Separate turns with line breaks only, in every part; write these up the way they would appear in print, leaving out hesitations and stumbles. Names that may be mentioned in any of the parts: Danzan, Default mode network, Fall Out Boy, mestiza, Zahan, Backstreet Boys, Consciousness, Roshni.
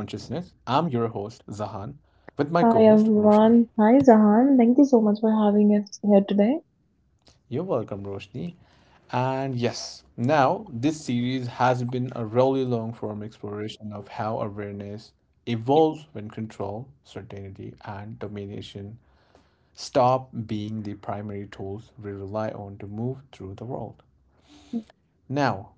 with my co host, Roshni.
Hi everyone. Hi Zahan. Thank you so much for having us here today.
You're welcome, Roshni. And yes, now this series has been a really long form exploration of how awareness evolves when control, certainty, and domination stop being the primary tools we rely on to move through the world. Now,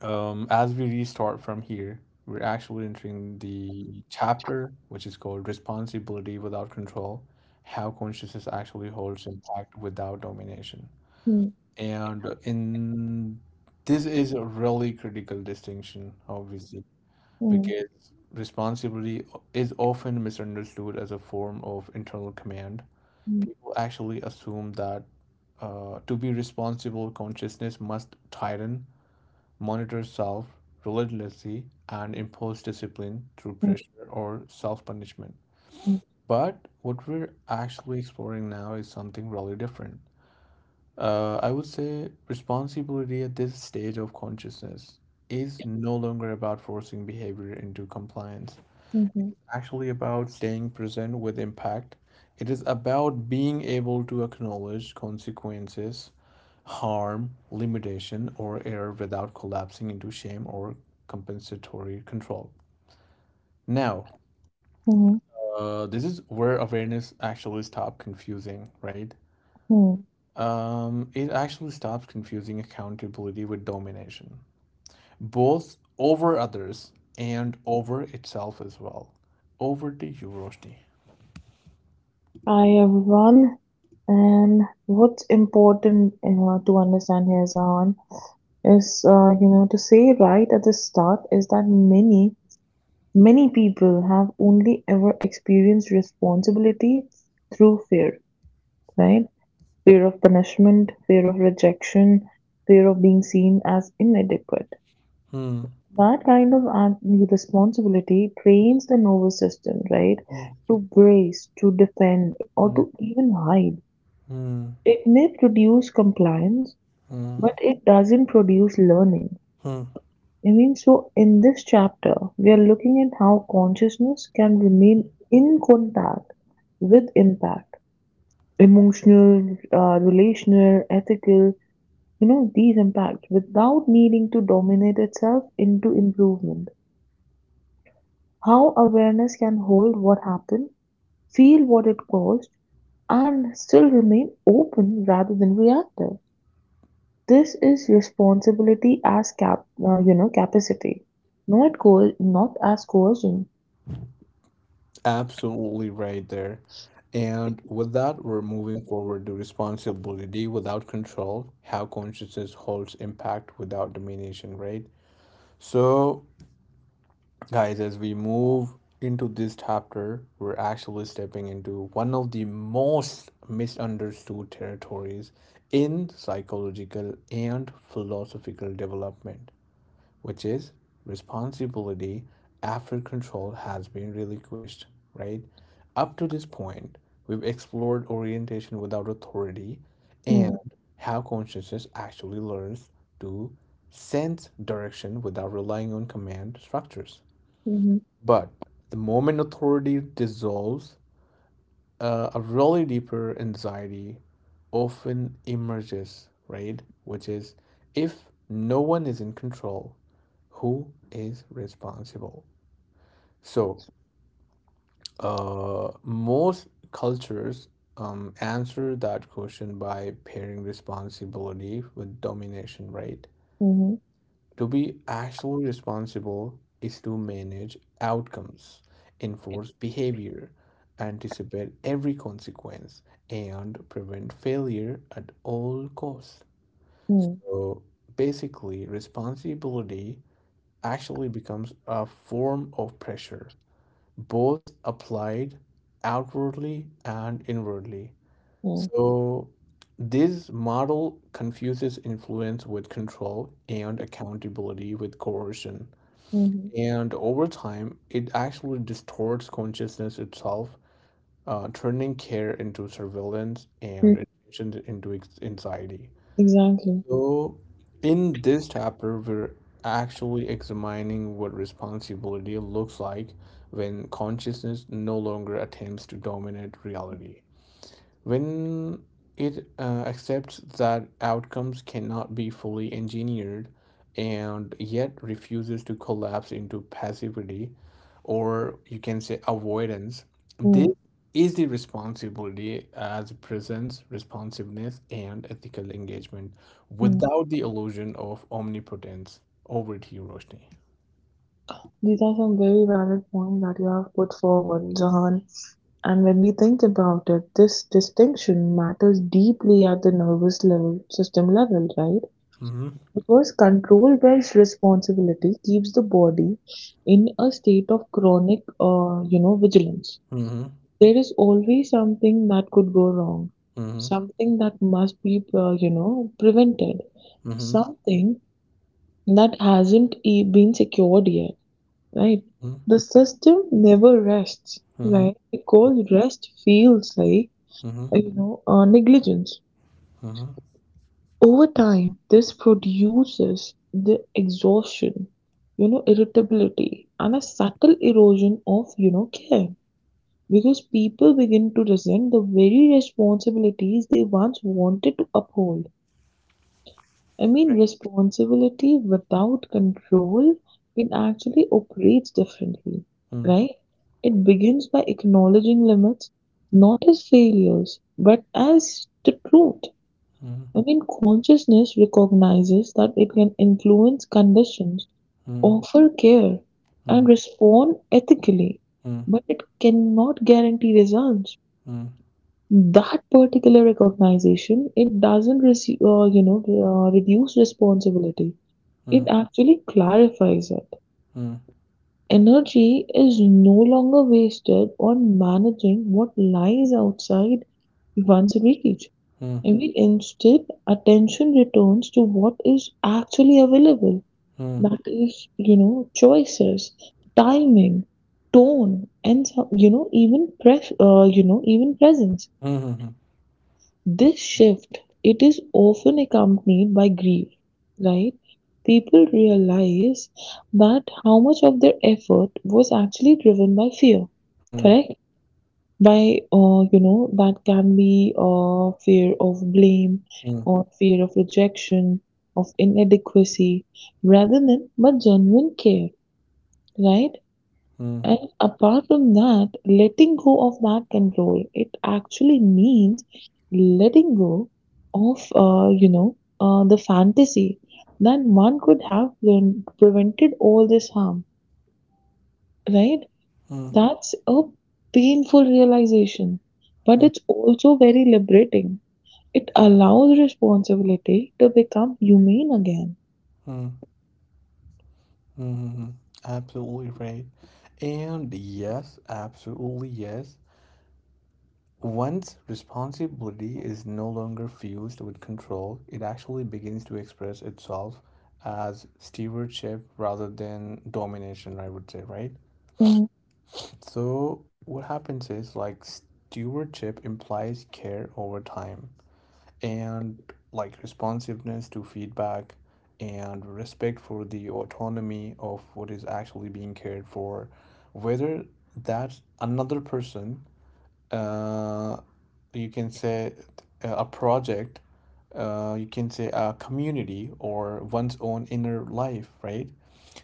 As we restart from here, we're actually entering the chapter which is called Responsibility Without Control, How Consciousness Actually Holds Impact Without Domination.
Mm,
And in This is a really critical distinction, obviously,
mm,
because responsibility is often misunderstood as a form of internal command.
mm,
People actually assume that to be responsible, consciousness must tighten, monitor self relentlessly, and impose discipline through
mm,
pressure or self punishment.
mm,
But what we're actually exploring now is something really different. I would say responsibility at this stage of consciousness is no longer about forcing behavior into compliance,
mhm,
actually about staying present with impact. It is about being able to acknowledge consequences, harm, limitation, or error without collapsing into shame or compensatory control. Now,
mhm,
this is where awareness actually stops confusing, right?
mhm.
It actually stops confusing accountability with domination, both over others and over itself as well. Over to you, Roshni.
Hi everyone. And what's important to understand here, Zahan, is you know, to say right at the start is that many people have only ever experienced responsibility through fear, right? Fear of punishment, fear of rejection, fear of being seen as inadequate.
Hmm.
That kind of act- Responsibility trains the nervous system, right,
Yeah.
to brace, to defend, or to even hide.
Mm,
It may produce compliance,
mm,
but it doesn't produce learning.
mm,
I mean, so in this chapter, we are looking at how consciousness can remain
mm.
in contact with impact, emotional, relational, ethical, you know, these impacts without needing to dominate itself into improvement. How awareness can hold what happened, feel what it caused, and still remain open rather than reactive. This is responsibility as capacity, not goal, not as coercion.
Absolutely right there. And with that, we're moving forward to responsibility without control, how consciousness holds impact without domination, right? So, guys, as we move into this chapter, we're actually stepping into one of the most misunderstood territories in psychological and philosophical development, which is responsibility after control has been relinquished, right? Up to this point, we've explored orientation without authority and
Hmm.
how consciousness actually learns to sense direction without relying on command structures.
Hı hı.
But the moment authority dissolves, a really deeper anxiety often emerges, right? Which is, if no one is in control, who is responsible? So, most cultures answer that question by pairing responsibility with domination, right?
Hı hı.
To be actually responsible is to manage outcomes, enforce behavior, anticipate every consequence, and prevent failure at all costs.
Hı,
So basically, responsibility actually becomes a form of pressure, both applied outwardly and inwardly.
mm,
So this model confuses influence with control, and accountability with coercion.
mhm.
And over time, it actually distorts consciousness itself, turning care into surveillance
Mm,
and anxiety.
Exactly.
So, in this chapter, we're actually examining what responsibility looks like when consciousness no longer attempts to dominate reality. When it accepts that outcomes cannot be fully engineered and yet refuses to collapse into passivity, or you can say avoidance,
Mm,
this is the responsibility as presence, responsiveness, and ethical engagement
mm.
without the illusion of omnipotence. Over to you, Roshni.
These are some very valid points that you have put forward, Jahan. And when we think about it, this distinction matters deeply at the nervous level, system level, right?
Mm-hmm.
Because control based responsibility keeps the body in a state of chronic, you know, vigilance.
Mm-hmm.
There is always something that could go wrong,
Mm-hmm.
something that must be, you know, prevented,
Mm-hmm.
something that hasn't e- been secured yet, right? The system never rests,
Mm-hmm.
right? Because rest feels like,
Mm-hmm. Mm-hmm.
negligence. Over time, this produces the exhaustion, you know, irritability, and a subtle erosion of, you know, care. Because people begin to resent the very responsibilities they once wanted to uphold. I mean, responsibility without control, it actually operates differently,
Mm-hmm.
right? It begins by acknowledging limits, not as failures, but as the truth. I mean, consciousness recognizes that it can influence conditions,
Mm-hmm.
offer care,
Mm-hmm.
and respond ethically,
Mm,
but it cannot guarantee results.
mm,
That particular recognition, it doesn't reduce responsibility. It
mm,
actually clarifies it.
mm,
Energy is no longer wasted on managing what lies outside one's reach.
mm,
And we instead attention returns to what is actually available.
mm,
That is, you know, choices, timing, tone, and some- you know even pres- you know even presence.
mhm,
This shift, it is often accompanied by grief, right? People realize that how much of their effort was actually driven by fear,
mm, mm,
correct? By, you know, that can be fear of blame
mm,
or fear of rejection, of inadequacy, rather than but genuine care, right? And apart from that, letting go of that control, it actually means letting go of, the fantasy that one could have prevented all this harm, right?
mm,
That's a painful realization, but
mm,
it's also very liberating. It allows responsibility to become humane again.
mm, mhm. Absolutely right. And yes, absolutely yes. Once responsibility is no longer fused with control, it actually begins to express itself as stewardship rather than domination, I would say, right? So, what happens is like stewardship implies care over time, and like responsiveness to feedback and respect for the autonomy of what is actually being cared for, whether that another person, uh, you can say a project, you can say a community or one's own inner life, right?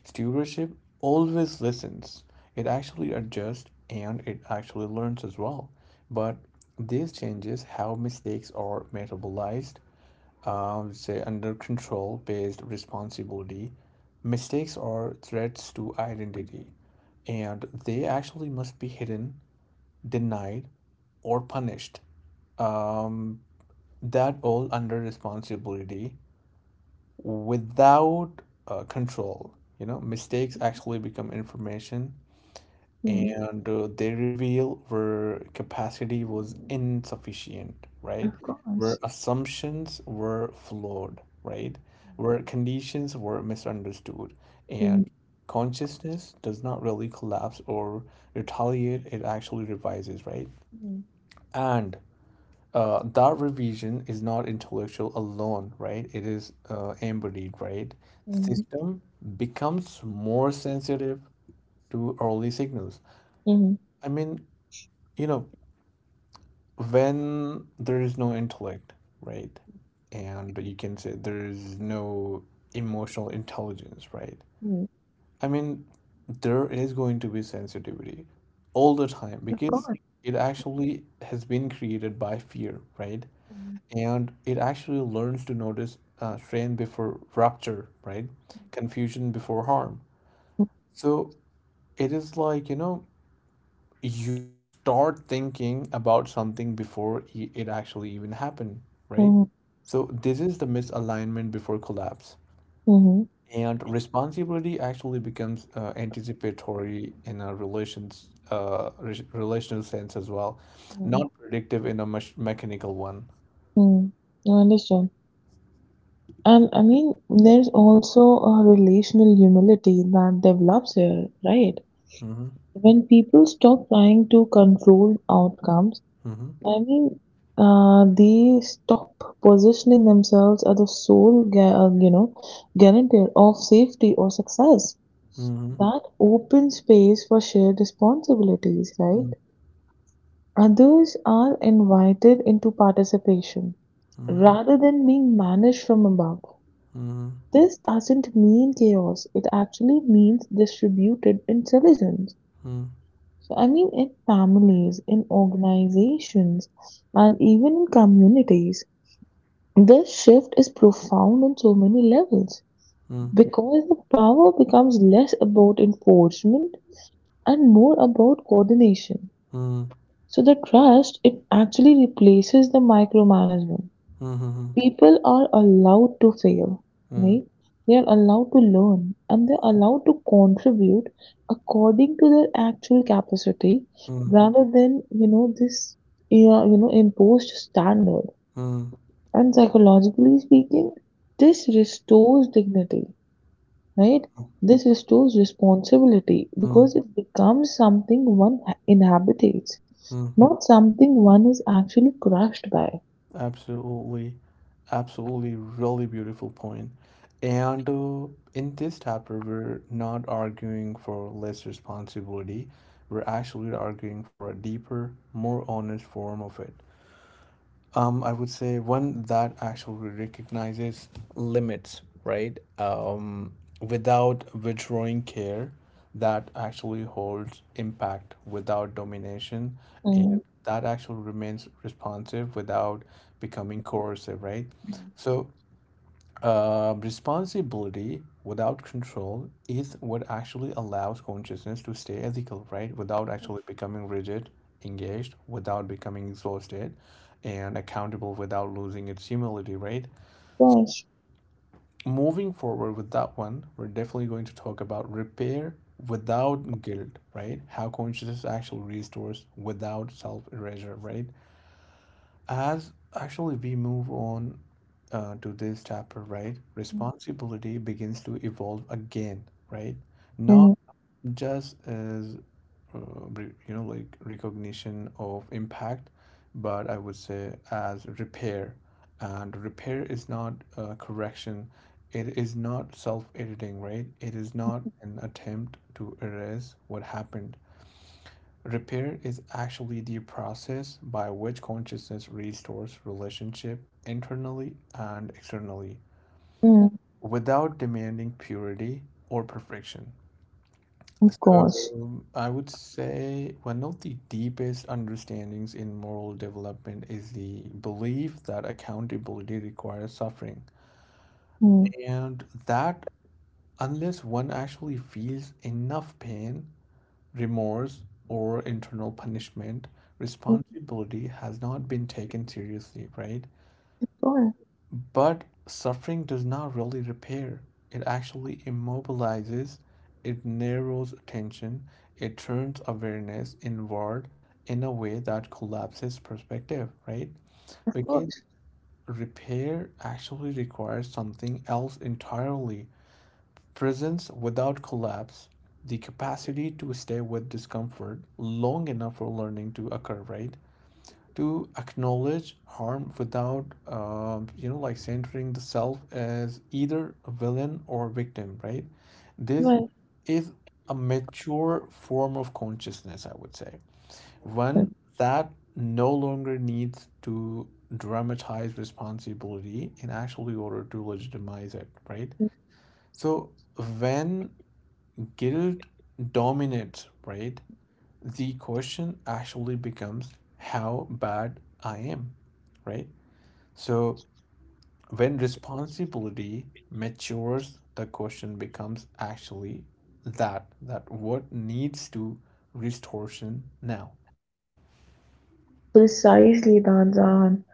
Stewardship always listens. It actually adjusts and it actually learns as well. But these changes how mistakes are metabolized. Say under control based responsibility, mistakes are threats to identity and they actually must be hidden, denied, or punished. Um, that all under responsibility without control. You know, mistakes actually become information
Mhm.
and they reveal where capacity was insufficient, right?
Of
Where
course.
assumptions were flawed, right?
Mhm.
Where conditions were misunderstood. And consciousness does not really collapse or retaliate, it actually revises, right?
Mhm.
And that revision is not intellectual alone, right? It is embodied, right? The
Mhm.
system becomes more sensitive to early signals.
Mhm.
I mean, you know, when there is no intellect, right? And you can say there is no emotional intelligence, right?
Mhm.
I mean, there is going to be sensitivity all the time
Of
because
course.
it actually has been created by fear, right?
Mhm.
And it actually learns to notice strain before rupture, right? Confusion before harm. So it is like, you know, you start thinking about something before it actually even happened, right?
Mhm.
So this is the misalignment before collapse.
Mhm.
And responsibility actually becomes anticipatory in a relational sense as well,
Mhm.
not predictive in a mechanical one.
Mhm. I understand. And I mean, there's also a relational humility that develops here, right?
Mm-hmm.
When people stop trying to control outcomes,
Mm-hmm.
I mean, they stop positioning themselves as the sole, guarantor of safety or success.
Mm-hmm.
That open space for shared responsibilities, right?
Mm-hmm.
Others are invited into participation
Mm-hmm.
rather than being managed from above.
Mm,
This doesn't mean chaos, it actually means distributed intelligence.
mm,
So, I mean, in families, in organizations, and even in communities, this shift is profound on so many levels
mm,
because the power becomes less about enforcement and more about coordination.
mm,
So, the trust, it actually replaces the micromanagement
mm, mhm,
people are allowed to fail,
mm,
right? They are allowed to learn and they're allowed to contribute according to their actual capacity
mm,
rather than, you know, imposed standard.
mm,
And psychologically speaking, this restores dignity, right?
mm,
This restores responsibility
mm,
because it becomes something one inhabitates,
mm.
not something one is actually crushed by.
Absolutely, absolutely, really beautiful point. And in this chapter, we're not arguing for less responsibility. We're actually arguing for a deeper, more honest form of it. I would say one that actually recognizes limits, right? Without withdrawing care, that actually holds impact without domination
Mm.
and that actually remains responsive without becoming coercive, right? So responsibility without control is what actually allows consciousness to stay ethical, right? Without actually becoming rigid, engaged, without becoming exhausted, and accountable without losing its humility, right?
Gosh.
Moving forward with that one, we're definitely going to talk about repair without guilt, right? How consciousness actually restores without self erasure, right? As actually we move on to this chapter, right? Responsibility begins to evolve again, right?
Mm-hmm.
Not just as uh, you know, like recognition of impact, but I would say as repair. And repair is not correction. It is not self-editing, right? It is not an attempt to erase what happened. Repair is actually the process by which consciousness restores relationship internally and externally
Mm,
without demanding purity or perfection.
of
So
course.
I would say one of the deepest understandings in moral development is the belief that accountability requires suffering,
Mm,
and that unless one actually feels enough pain, remorse, or internal punishment,
of
responsibility has not been taken seriously, right?
course,
But suffering does not really repair, it actually immobilizes, it narrows attention, it turns awareness inward in a way that collapses perspective, right?
of
Because
course.
repair actually requires something else entirely. Presence without collapse, the capacity to stay with discomfort long enough for learning to occur, right? To acknowledge harm without, you know, like centering the self as either a villain or victim, right? This
Right.
is a mature form of consciousness, I would say.
Mm,
One that no longer needs to dramatize responsibility in actually order to legitimize it, right? So when guilt dominates, right? The question actually becomes how bad I am, right? So when responsibility matures, the question becomes actually that that what needs to distortion now.
Precisely, Danzan.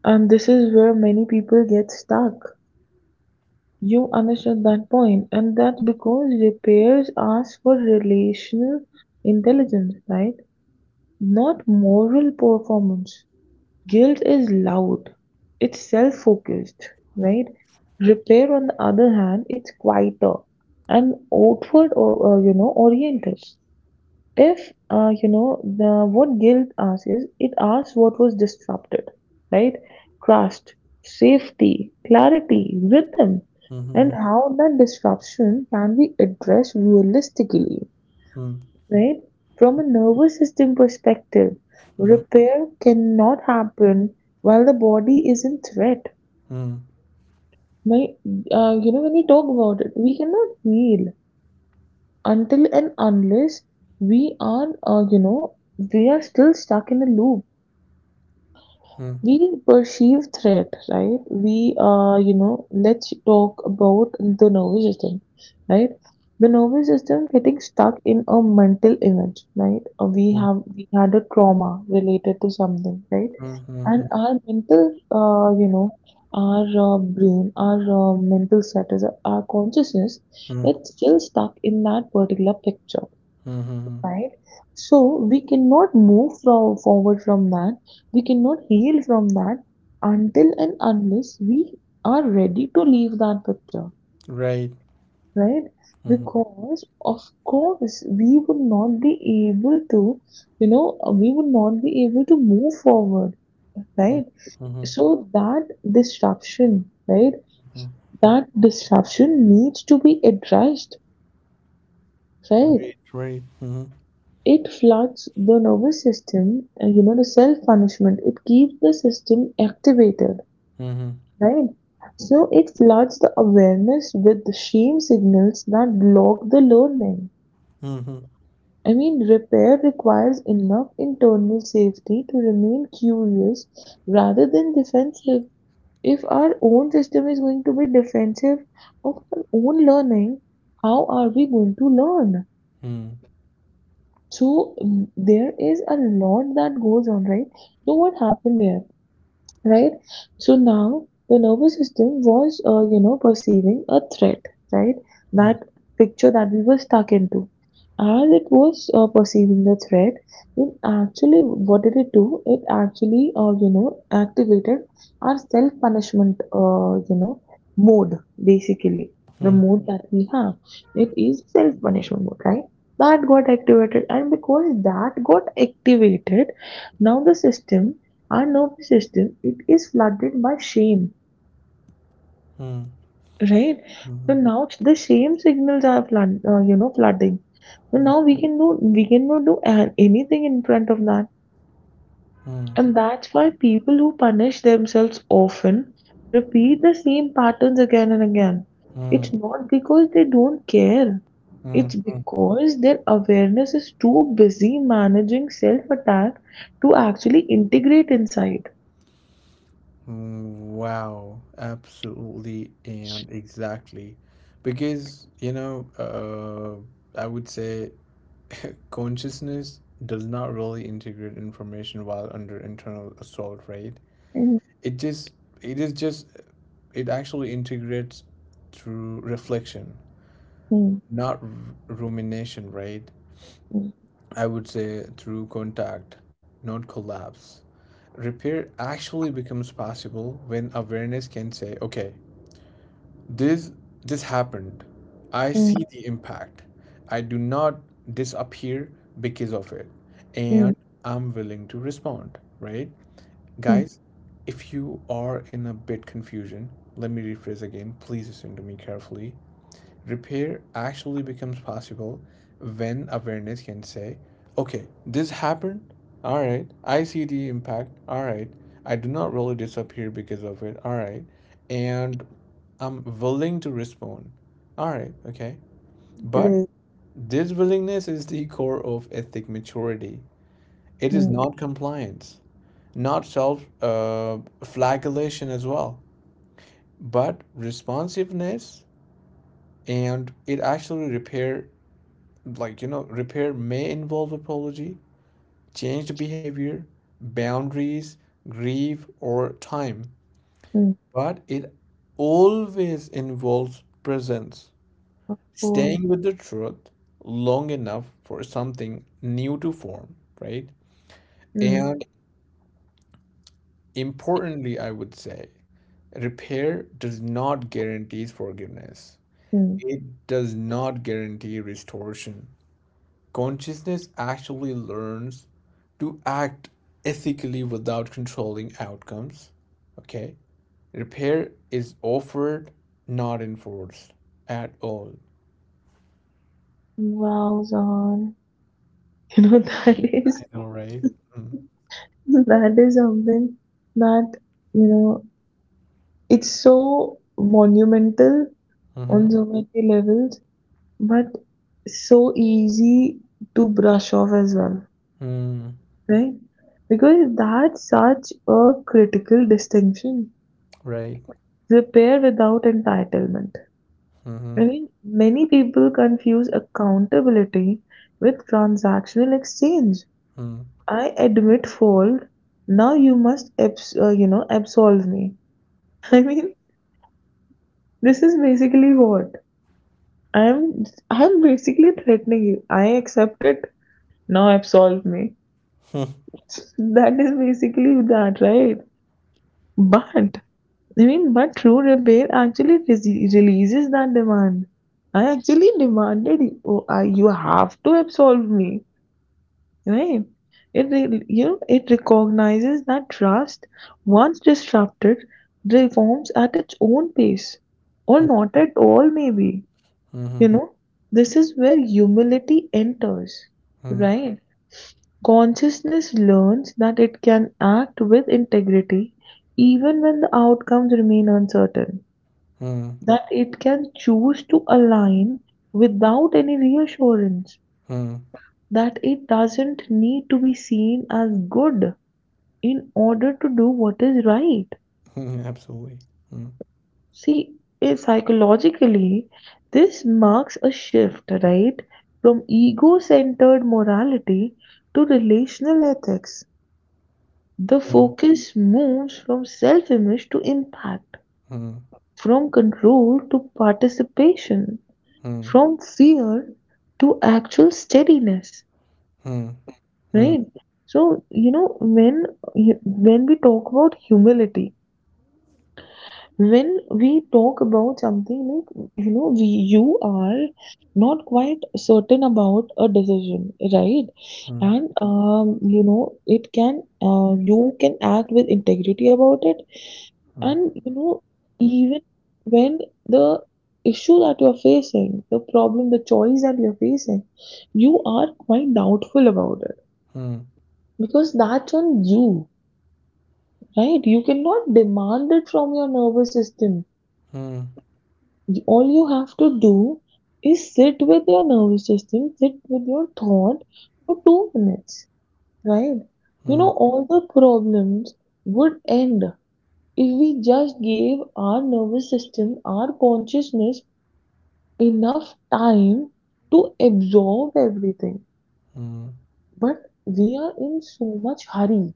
And this is where many people get stuck. You understood that point, and that because repairs ask for relational intelligence, right? Not moral performance. Guilt is loud. It's self-focused, right? Repair, on the other hand, it's quieter and outward or oriented. If, you know, the what guilt asks is, it asks what was disrupted, right? Trust, safety, clarity, rhythm, and
Mhm,
how that disruption can be addressed realistically,
mhm,
right? From a nervous system perspective,
mhm,
repair cannot happen while the body is in threat.
mhm,
My, when we talk about it, we cannot heal until and unless we are, we are still stuck in a loop.
mhm,
We perceive threat, right? We, you know, let's talk about the nervous system, right? The nervous system getting stuck in a mental image, right? We had a trauma related to something, right?
mhm,
And
mhm,
our mental, our mental status, our consciousness,
mhm,
it's still stuck in that particular picture,
mhm.
right? So we cannot move from forward from that. We cannot heal from that until and unless we are ready to leave that picture,
Right.
right?
Mhm,
Because of course we would not be able to, you know, we would not be able to move forward,
mhm,
right?
mhm,
So that disruption, right?
mhm.
That disruption needs to be addressed, right?
Right, right. Mm-hmm.
It floods the nervous system, you know, the self-punishment. It keeps the system activated,
Mm-hmm.
right? So it floods the awareness with the shame signals that block the learning.
Mm-hmm.
I mean, repair requires enough internal safety to remain curious rather than defensive. If our own system is going to be defensive of our own learning, how are we going to learn? So there is a lot that goes on, right? So what happened there? Right? So now the nervous system was, you know, perceiving a threat, right?
Mm,
That picture that we were stuck into. As it was perceiving the threat, it actually, what did it do? It actually, activated our self-punishment, mode, basically. The
mm,
mode that we have. It is self-punishment mode, right? That got activated, and because that got activated, now the system our nervous system, it is flooded by shame,
mm,
right? So
mm,
now the shame signals are flooding, so
mm,
now we cannot do anything in front of that. And that's why people who punish themselves often repeat the same patterns again and again.
mm, mm,
It's not because they don't care, it's
mm,
because their awareness is too busy managing self attack to actually integrate inside.
mm. Wow, absolutely and exactly. Because, you know, I would say consciousness does not really integrate information while under internal assault, right?
Mm,
It just, it is just, it actually integrates through reflection,
mm,
not r- rumination, right?
mm,
I would say through contact, not collapse. Repair actually becomes possible when awareness can say, okay, this happened, I see
mm,
the impact, I do not disappear because of it,
mm,
and I'm willing to respond, right?
mm,
Guys, if you are in a bit confusion, let me rephrase again, please listen to me carefully. Repair actually becomes possible when awareness can say, okay, this happened. All right. I see the impact. All right. I do not really disappear because of it. All right. And I'm willing to respond. All right. Okay. But
great,
this willingness is the core of ethic maturity. It is
mm,
not compliance, not self flagellation as well, but responsiveness. And it actually repair, like you know, repair may involve apology, changed behavior, boundaries, grief or time,
mm,
but it always involves presence,
of course,
staying with the truth long enough for something new to form, right?
mm,
And importantly, I would say, repair does not guarantee forgiveness,
mm.
it does not guarantee restoration. Consciousness actually learns to act ethically without controlling outcomes. Okay? Repair is offered, not enforced at all.
Wow, Zahan, you know
I
is
know, right? Mm.
that is something that, you know, it's so monumental on
Mm-hmm.
so many levels. But so easy to brush off as well,
Mm.
right? Because that's such a critical distinction.
Right.
Repair without entitlement.
Mm-hmm.
I mean, many people confuse accountability with transactional exchange.
Mm.
I admit fault. Now you must, absolve me. I mean, this is basically what I'm. I'm basically threatening you. I accept it. Now absolve me. That is basically that, right? But I mean, but True Repair actually releases that demand. I actually demanded you, oh, I, you have to absolve me, right? It re- you know it recognizes that trust, once disrupted, reforms at its own pace, or not at all, maybe.
Mm.
You
Mm-hmm.
know, this is where humility enters,
Mm.
right? Consciousness learns that it can act with integrity even when the outcomes remain uncertain,
Mm.
that it can choose to align without any reassurance,
Mm.
that it doesn't need to be seen as good in order to do what is right.
Mm. Absolutely. Mm.
See, psychologically, this marks a shift, right, from ego centered morality to relational ethics. The
Mm.
focus moves from self-image to impact,
Mm.
from control to participation,
Mm.
from fear to actual steadiness,
Mm. Mm. Mm.
right? So, you know, when we talk about humility, when we talk about something like, you know, we you are not quite certain about a decision, right,
Mm. Mm.
and you know, it can you can act with integrity about it, and you know, even when the issue that you're facing, the problem, the choice that you're facing, you are quite doubtful about it, because that's on you, right? You cannot demand it from your nervous system.
Mm.
All you have to do is sit with your nervous system, sit with your thought for 2 minutes, right? You know, all the problems would end if we just gave our nervous system, our consciousness enough time to absorb everything.
Mm.
But we are in so much hurry.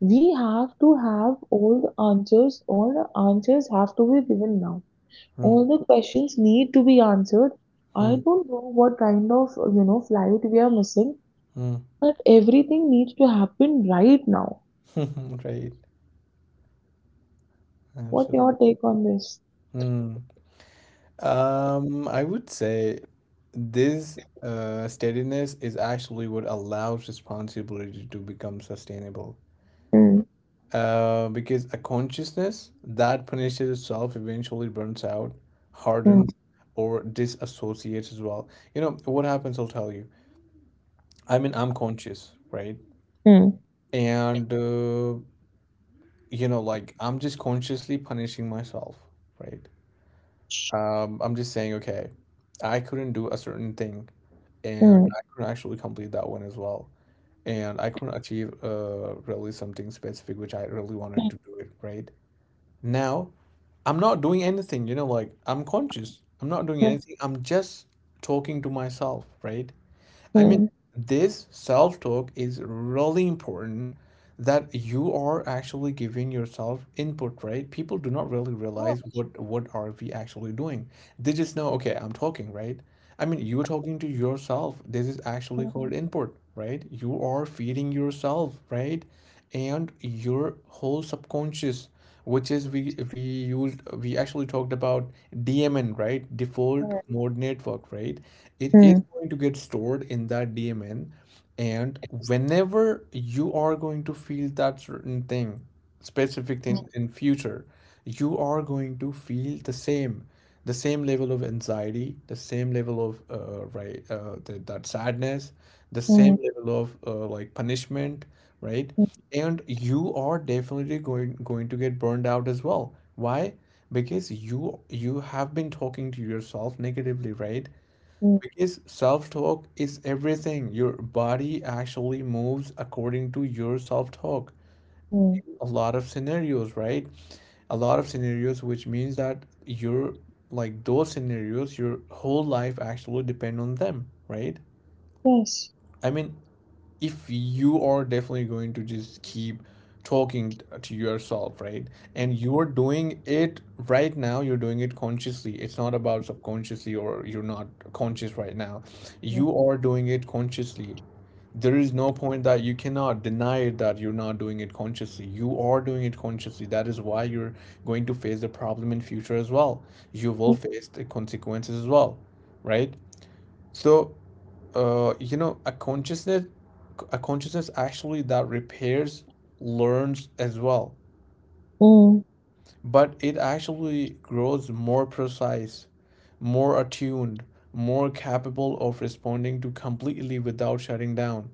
We have to have all the answers have to be given now.
Mm.
All the questions need to be answered. I
Mm.
don't know what kind of, you know, flight we are missing,
Mm.
but everything needs to happen right now.
Right.
What's your
Absolutely.
take on this?
Mm. I would say this steadiness is actually what allows responsibility to become sustainable.
Hmm.
Because a consciousness that punishes itself eventually burns out,
Hmm.
hardens, or disassociates as well. You know, what happens, I'll tell you. I mean, I'm conscious, right?
Hmm.
And, you know, like I'm just consciously punishing myself, right? I'm just saying, okay, I couldn't do a certain thing, and
Hmm.
I couldn't actually complete that one as well, and I couldn't achieve really something specific which I really wanted to do it, right? Now, I'm not doing anything, you know, like I'm conscious. I'm not doing
Hmm.
anything. I'm just talking to myself, right?
Hmm.
I mean,
mm.
this self-talk is really important that you are actually giving yourself input, right? People do not really
Oh,
realize what are we actually doing. They just know, okay, I'm talking, right? I mean, you're talking to yourself. This is actually called input, right? You are feeding yourself, right? And your whole subconscious, which is we used we actually talked about DMN, right? Default
Hmm.
mode network, right? It is
Hmm.
going to get stored in that DMN. And whenever you are going to feel that certain thing, specific thing in future, you are going to feel the same level of anxiety, the same level of that sadness, the
Hmm.
same level of like punishment, right?
Hmm.
And you are definitely going to get burned out as well. Why? Because you have been talking to yourself negatively, right?
Hmm.
Because self-talk is everything. Your body actually moves according to your self-talk.
Hmm. mm.
A lot of scenarios, right? A lot of scenarios, which means that your, like those scenarios, your whole life actually depend on them, right?
Yes.
I mean, if you are definitely going to just keep talking to yourself, right, and you're doing it right now. You're doing it consciously. It's not about subconsciously or you're not conscious right now.
Hmm.
You are doing it consciously. There is no point that you cannot deny that you're not doing it consciously. You are doing it consciously. That is why you're going to face the problem in future as well. You will face the consequences as well, right? So you know, a consciousness actually that repairs, learns as well,
Hmm.
but it actually grows more precise, more attuned, more capable of responding to completely without shutting down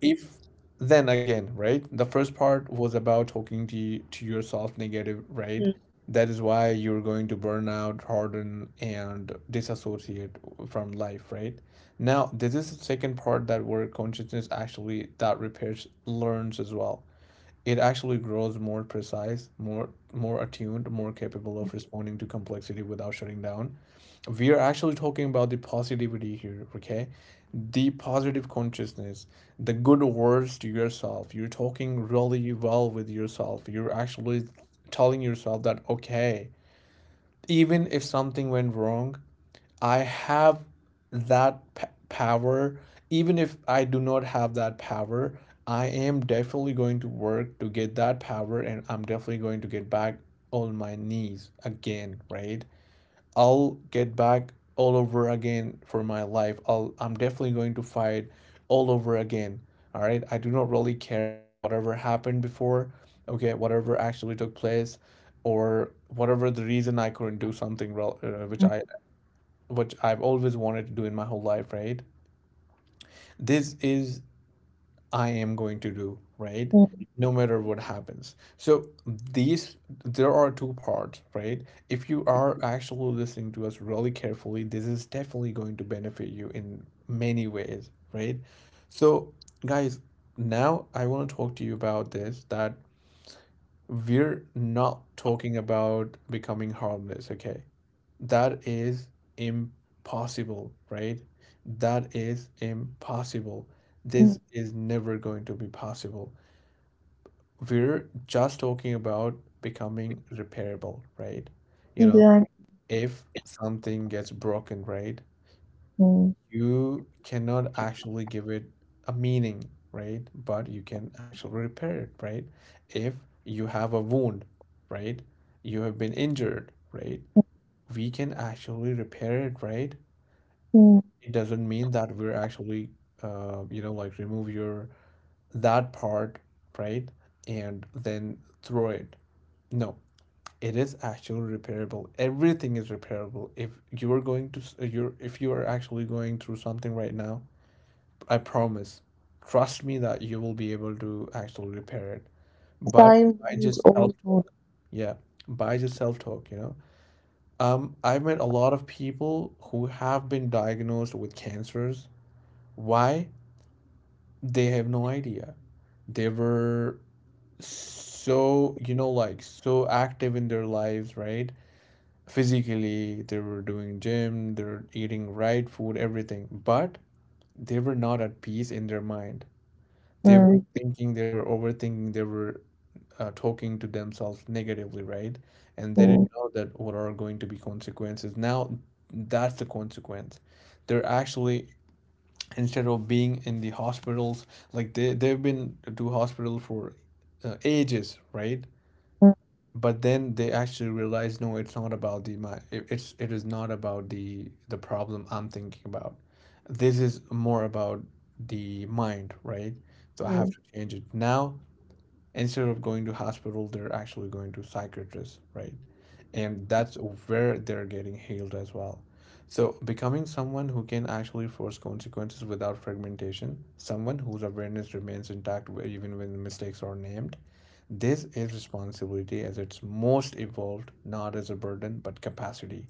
if then again, right? The first part was about talking to yourself negative, right?
Hmm.
That is why you're going to burn out, harden, and disassociate from life, right? Now, this is the second part, that where consciousness actually that repairs learns as well. It actually grows more precise, more attuned, more capable of responding to complexity without shutting down. We are actually talking about the positivity here, okay? The positive consciousness, the good words to yourself. You're talking really well with yourself. You're actually telling yourself that, okay, even if something went wrong, I have that power. Even if I do not have that power, I am definitely going to work to get that power, and I'm definitely going to get back on my knees again, right? I'll get back all over again for my life. I'm definitely going to fight all over again. All right. I do not really care whatever happened before. Okay, whatever actually took place, or whatever the reason I couldn't do something which
Hmm.
I, which I've always wanted to do in my whole life. Right. This is I am going to do, right?
Hmm.
No matter what happens. So these, there are two parts, right? If you are actually listening to us really carefully, this is definitely going to benefit you in many ways, right? So guys, now I want to talk to you about this, that we're not talking about becoming harmless, okay? That is impossible, right? That is impossible.
Hmm.
This is never going to be possible. We're just talking about becoming repairable, right? You know,
Exactly.
if something gets broken, right,
Hmm.
you cannot actually give it a meaning, right? But you can actually repair it, right? If you have a wound, right? You have been injured, right? We can actually repair it, right?
Hmm.
It doesn't mean that we're actually you know, like remove your that part, right, and then throw it. No, it is actually repairable. Everything is repairable. If you're going to you're, if you are actually going through something right now, I promise, trust me, that you will be able to actually repair it. But
Time
I
heals
just
all wounds.
self-talk. Yeah, by just self-talk, you know. I've met a lot of people who have been diagnosed with cancers. Why? They have no idea. They were so, you know, like so active in their lives, right? Physically, they were doing gym, they were eating right food, everything, but they were not at peace in their mind. They were
Hmm.
thinking, they were overthinking, they were talking to themselves negatively, right? And they
Hmm.
didn't know that what are going to be consequences. Now, that's the consequence. They're actually, instead of being in the hospitals, like they've been to hospital for ages, right?
Hmm.
But then they actually realize, no, it's not about the my it- it's it is not about the problem I'm thinking about. This is more about the mind, right? So I have
Hmm.
to change it now. Instead of going to hospital, they're actually going to psychiatrists, right? And that's where they're getting healed as well. So becoming someone who can actually force consequences without fragmentation, someone whose awareness remains intact even when mistakes are named. This is responsibility as it's most evolved, not as a burden but capacity.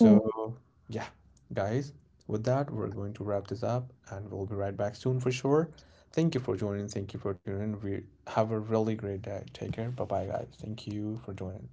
Hmm.
yeah, guys, with that, we're going to wrap this up and we'll be right back soon for sure. Thank you for joining. Thank you for tuning in. We have a really great day. Take care. Bye bye, guys. Thank you for joining.